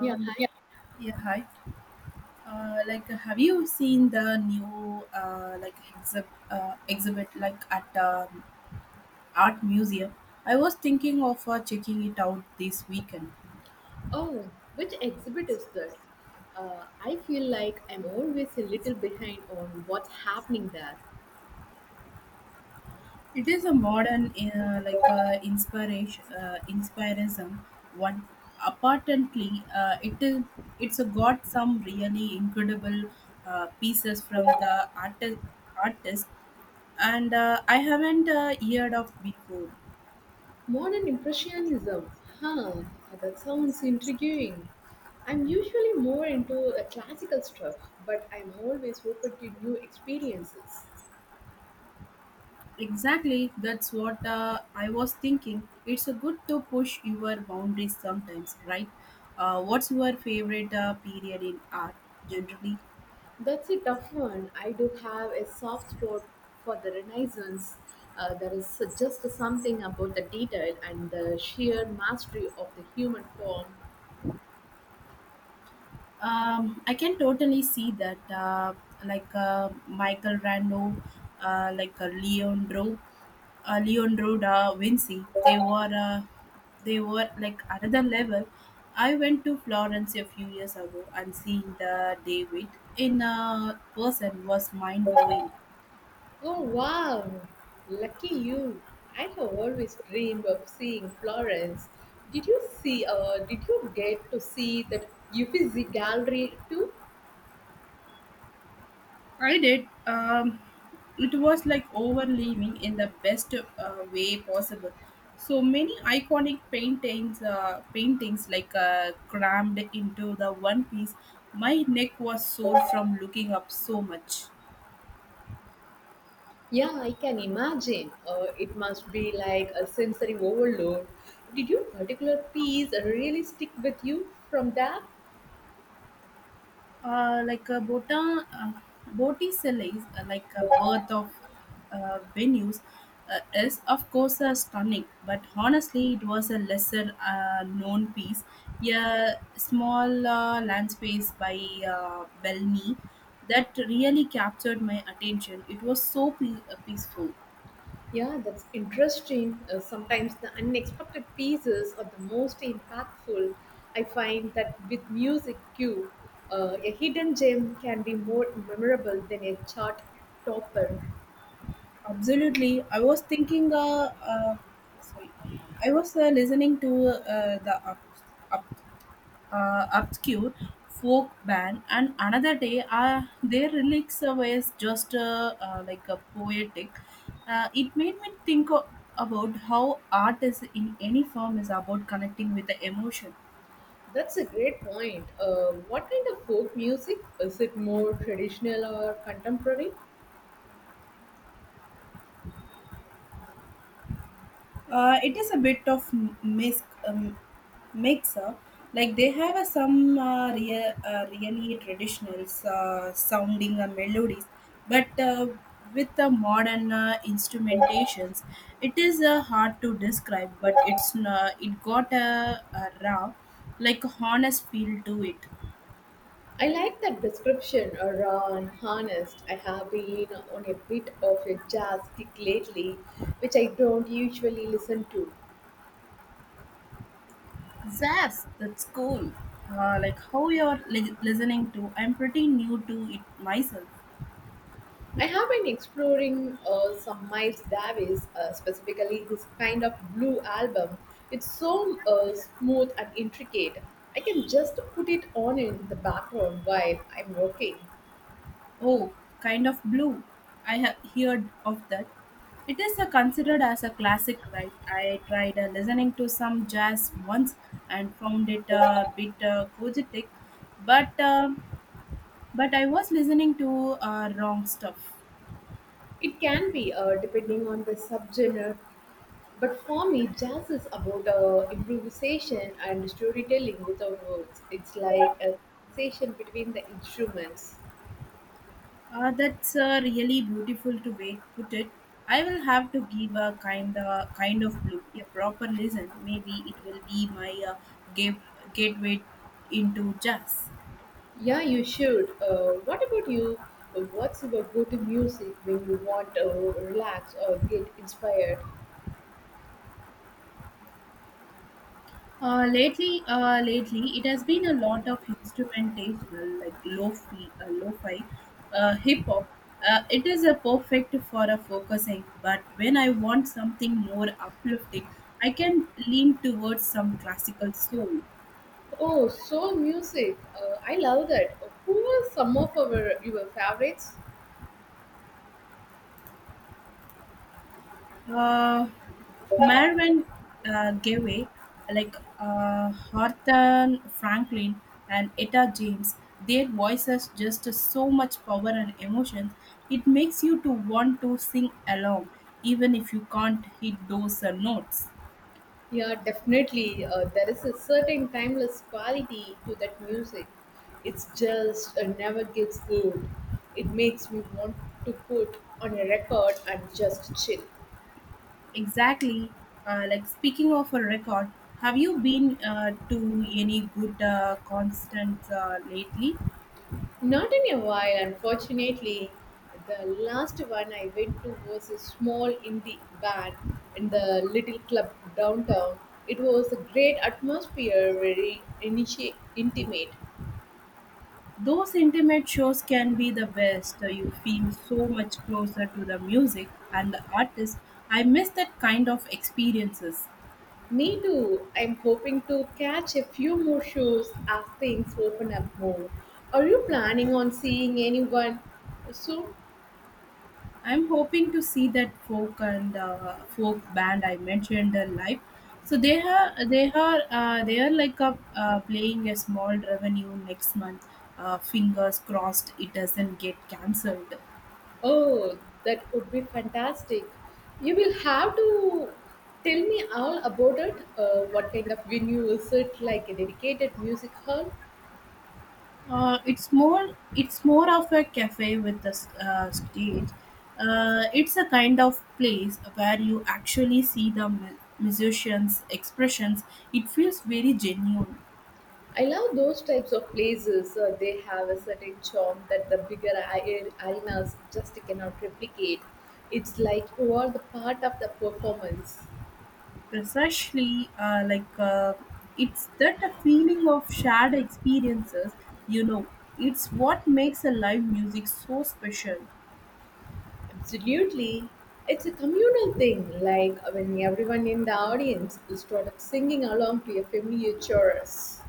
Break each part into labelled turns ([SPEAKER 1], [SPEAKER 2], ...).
[SPEAKER 1] Yeah.
[SPEAKER 2] Yeah. Yeah, hi. Like, have you seen the new like exhibit like at art museum? I was thinking of checking it out this weekend.
[SPEAKER 1] Oh, which exhibit is that? I feel like I'm always a little behind on what's happening there.
[SPEAKER 2] It is a modern like inspiration inspirism one. Apparently, it's got some really incredible pieces from the artist, and I haven't heard of before.
[SPEAKER 1] Modern Impressionism. Huh, that sounds intriguing. I'm usually more into the classical stuff, but I'm always open to new experiences.
[SPEAKER 2] Exactly, that's what I was thinking. It's a good to push your boundaries sometimes, right? What's your favorite period in art generally?
[SPEAKER 1] That's a tough one. I do have a soft spot for the Renaissance. There is just something about the detail and the sheer mastery of the human form.
[SPEAKER 2] I can totally see that, Michael Rando, uh, like uh, Leandro, Leandro da Vinci. They were like another level. I went to Florence a few years ago, and seeing the David in person was mind blowing.
[SPEAKER 1] Oh wow, lucky you. I have always dreamed of seeing Florence. Did you see did you get to see that Uffizi gallery too?
[SPEAKER 2] I did. It was like overleaving in the best way possible. So many iconic paintings like crammed into the one piece. My neck was sore from looking up so much.
[SPEAKER 1] Yeah, I can imagine. It must be like a sensory overload. Did your particular piece really stick with you from that?
[SPEAKER 2] Like Botticelli is like a worth of venues is of course stunning, but honestly, it was a lesser known piece. A small land space by Bellini that really captured my attention. It was so peaceful.
[SPEAKER 1] Yeah, that's interesting. Sometimes the unexpected pieces are the most impactful. I find that with music cue, a hidden gem can be more memorable than a chart topper.
[SPEAKER 2] Absolutely, I was thinking. Sorry, I was listening to the up, up obscure folk band, and another day their lyrics was just like a poetic. It made about how art is in any form is about connecting with the emotion.
[SPEAKER 1] That's a great point. What kind of folk music? Is it more traditional or contemporary?
[SPEAKER 2] It is a bit of mix, mixer. Like they have a, some really traditional sounding melodies, but with the modern instrumentations, it is hard to describe. But it got a raw, like honest feel to it.
[SPEAKER 1] I like that description, raw and honest. I have been on a bit of a jazz kick lately, which I don't usually listen to.
[SPEAKER 2] Zaz, that's cool. Like how you're listening to, I'm pretty new to it myself.
[SPEAKER 1] I have been exploring some Miles Davis, specifically his kind of blue album. It's so smooth and intricate. I can just put it on in the background while I'm working.
[SPEAKER 2] Oh, kind of blue. I have heard of that. It is a considered as a classic, right? I tried listening to some jazz once and found it a bit cogetic, but uh, but I was listening to wrong stuff.
[SPEAKER 1] It can be depending on the subgenre, but for me, jazz is about improvisation and storytelling without words. It's like a conversation between the instruments.
[SPEAKER 2] That's really beautiful to way put it. I will have to give a kind of blue a proper listen. Maybe it will be my gate, gateway into jazz.
[SPEAKER 1] Yeah, you should. What about you? What's your go-to music when you want to relax or get inspired?
[SPEAKER 2] Lately, lately, it has been a lot of instrumentational, like lo-fi, hip hop. It is a perfect for a focusing, but when I want something more uplifting, I can lean towards some classical soul.
[SPEAKER 1] Oh, soul music. I love that. Who are some of our your favorites?
[SPEAKER 2] Uh, Mervyn Gaway, like Arthur Franklin and Etta James, their voices just so much power and emotions. It makes you to want to sing along, even if you can't hit those notes.
[SPEAKER 1] Yeah, definitely. There is a certain timeless quality to that music. It's just never gets old. It makes me want to put on a record and just chill.
[SPEAKER 2] Exactly. Like speaking of a record, have you been to any good concerts lately?
[SPEAKER 1] Not in a while, unfortunately. The last one I went to was a small indie band in the little club downtown. It was a great atmosphere, very intimate.
[SPEAKER 2] Those intimate shows can be the best. You feel so much closer to the music and the artist. I miss that kind of experiences.
[SPEAKER 1] Me too. I'm hoping to catch a few more shows as things open up more. Are you planning on seeing anyone soon?
[SPEAKER 2] I'm hoping to see that folk band I mentioned live. So they are like a, playing a small revenue next month. Fingers crossed it doesn't get cancelled.
[SPEAKER 1] Oh, that would be fantastic. You will have to tell me all about it. What kind of venue is it? Like a dedicated music hall?
[SPEAKER 2] Uh, it's more it's more of a cafe with a stage. It's a kind of place where you actually see the musicians' expressions. It feels very genuine.
[SPEAKER 1] I love those types of places. They have a certain charm that the bigger arenas just cannot replicate. It's like you are the part of the performance.
[SPEAKER 2] Precisely, it's that a feeling of shared experiences. You know, it's what makes a live music so special.
[SPEAKER 1] Absolutely. It's a communal thing, like when everyone in the audience is sort of singing along to a familiar chorus.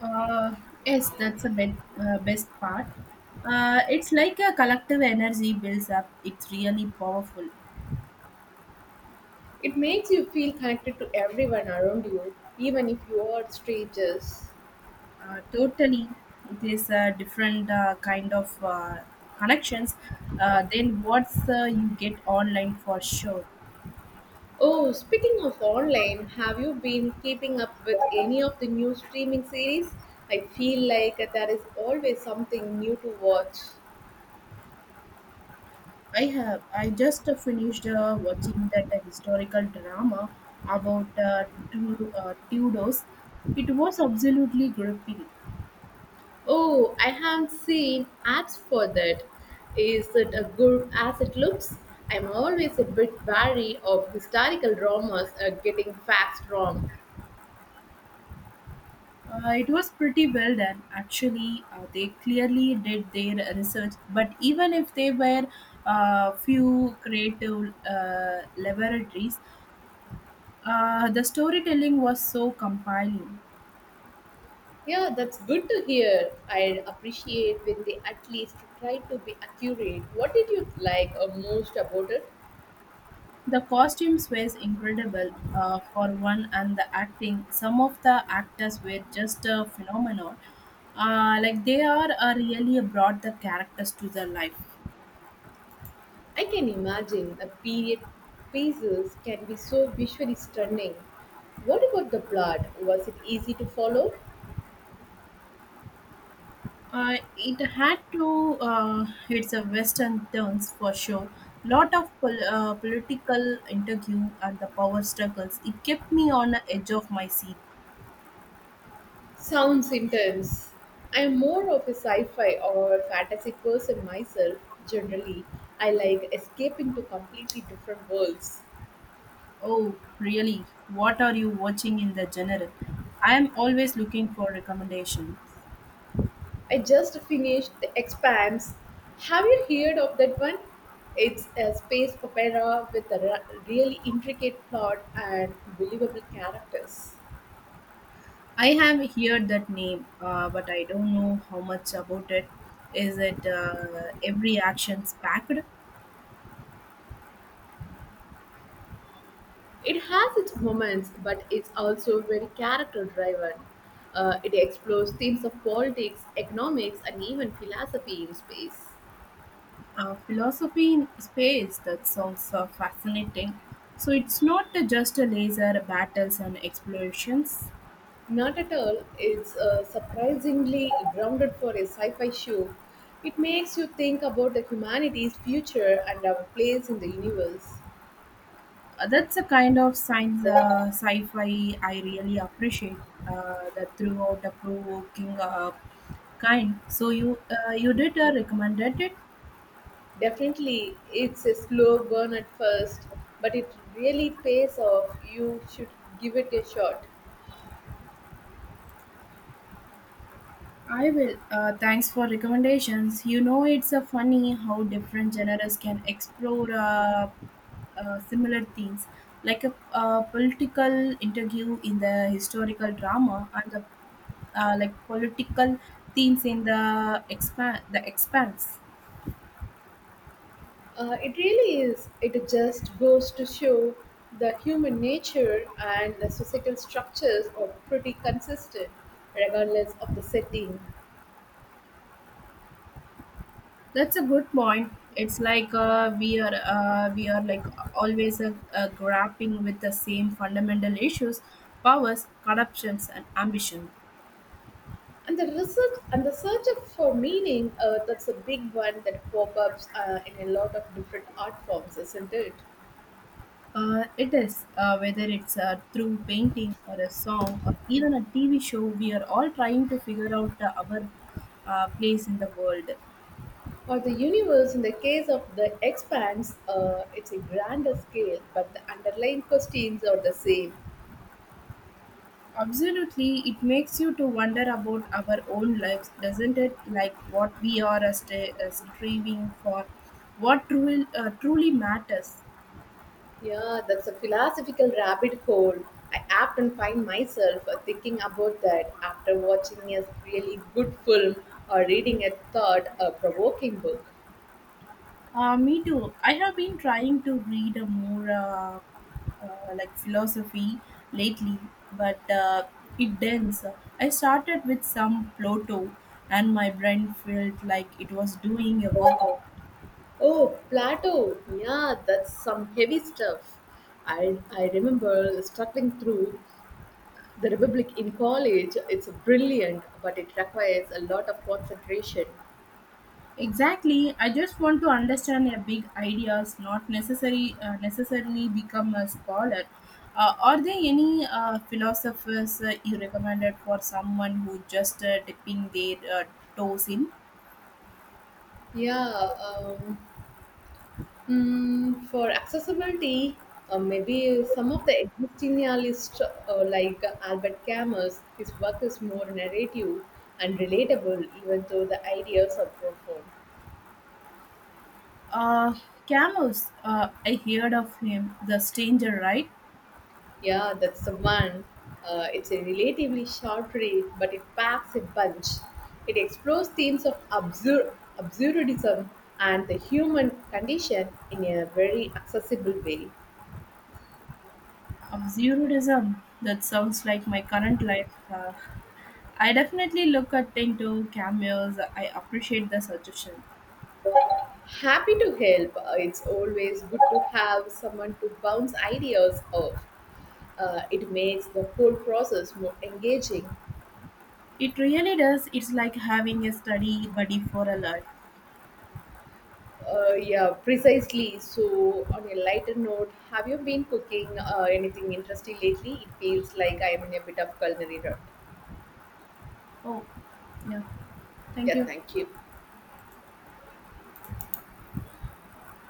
[SPEAKER 2] Uh, yes, that's the best part. It's like a collective energy builds up. It's really powerful.
[SPEAKER 1] It makes you feel connected to everyone around you, even if you are strangers.
[SPEAKER 2] Totally, it is a different connections than what you get online for sure.
[SPEAKER 1] Oh, speaking of online, have you been keeping up with any of the new streaming series? I feel like there is always something new to watch.
[SPEAKER 2] I just finished watching that historical drama about two Tudors. It was absolutely gripping.
[SPEAKER 1] Oh, I haven't seen ads for that. Is it as good as it looks? I'm always a bit wary of historical dramas getting facts wrong.
[SPEAKER 2] It was pretty well done actually. They clearly did their research, but even if they were a few creative laboratories. The storytelling was so compelling.
[SPEAKER 1] Yeah, that's good to hear. I appreciate when they at least try to be accurate. What did you like most about it?
[SPEAKER 2] The costumes were incredible for one, and the acting. Some of the actors were just a phenomenon. Like they are really brought the characters to the life.
[SPEAKER 1] I can imagine a period pieces can be so visually stunning. What about the plot? Was it easy to follow?
[SPEAKER 2] It had to. It's a western turns for sure. Lot of political interview and the power struggles. It kept me on the edge of my seat.
[SPEAKER 1] Sounds intense. I'm more of a sci-fi or fantasy person myself. Generally, I like escaping to completely different worlds.
[SPEAKER 2] Oh, really? What are you watching in the general? I am always looking for recommendations.
[SPEAKER 1] I just finished The Expanse. Have you heard of that one? It's a space opera with a really intricate plot and believable characters.
[SPEAKER 2] I have heard that name, but I don't know how much about it. Is it every action's packed?
[SPEAKER 1] It has its moments, but it's also very character driven. It explores themes of politics, economics, and even philosophy in space.
[SPEAKER 2] Philosophy in space, that sounds fascinating. So it's not just a laser battles and explorations.
[SPEAKER 1] Not at all, it's surprisingly grounded for a sci fi show. It makes you think about the humanity's future and our place in the universe.
[SPEAKER 2] That's a kind of science sci-fi I really appreciate. The throughout the provoking kind. So you did recommended it.
[SPEAKER 1] Definitely, it's a slow burn at first, but it really pays off. You should give it a shot.
[SPEAKER 2] I will. Thanks for recommendations. You know it's a funny how different genres can explore similar themes, like a, political interview in the historical drama and the like political themes in the expand the expanse.
[SPEAKER 1] It really is. It just goes to show the human nature and the societal structures are pretty consistent, regardless of the setting.
[SPEAKER 2] That's a good point. It's like we are like always grappling with the same fundamental issues, powers, corruptions, and ambition.
[SPEAKER 1] And the research and the search for meaning, that's a big one that pop ups in a lot of different art forms, isn't it?
[SPEAKER 2] It is whether it's through painting or a song or even a TV show. We are all trying to figure out our place in the world.
[SPEAKER 1] Or the universe, in the case of the expanse, it's a grander scale, but the underlying questions are the same.
[SPEAKER 2] Absolutely, it makes you to wonder about our own lives, doesn't it? Like what we are striving for, what truly matters.
[SPEAKER 1] Yeah, that's a philosophical rabbit hole. I often find myself thinking about that after watching a really good film or reading a thought provoking book.
[SPEAKER 2] Me too. I have been trying to read a more like philosophy lately, but it dense. I started with some Plato, and my brain felt like it was doing a workout.
[SPEAKER 1] Oh, Plato! Yeah, that's some heavy stuff. I remember struggling through The Republic in college. It's brilliant, but it requires a lot of concentration.
[SPEAKER 2] Exactly. I just want to understand a big ideas, not necessary necessarily become a scholar. Are there any philosophers you recommended for someone who just dipping their toes in?
[SPEAKER 1] Yeah, um, for accessibility, maybe some of the existing lists, like Albert Camus, his work is more narrative and relatable, even though the ideas are profound.
[SPEAKER 2] Uh, Camus, I heard of him, The Stranger, right?
[SPEAKER 1] Yeah, that's the one. It's a relatively short read, but it packs a bunch. It explores themes of absurdism and the human condition in a very accessible way.
[SPEAKER 2] Absurdism. That sounds like my current life. I definitely look at into cameos. I appreciate the suggestion.
[SPEAKER 1] Happy to help. It's always good to have someone to bounce ideas off. It makes the whole process more engaging.
[SPEAKER 2] It really does. It's like having a study buddy for a life.
[SPEAKER 1] Yeah, precisely. So, on a lighter note, have you been cooking anything interesting lately? It feels like I am in a bit of culinary rut.
[SPEAKER 2] Oh, yeah. Thank
[SPEAKER 1] Yeah,
[SPEAKER 2] you.
[SPEAKER 1] thank you.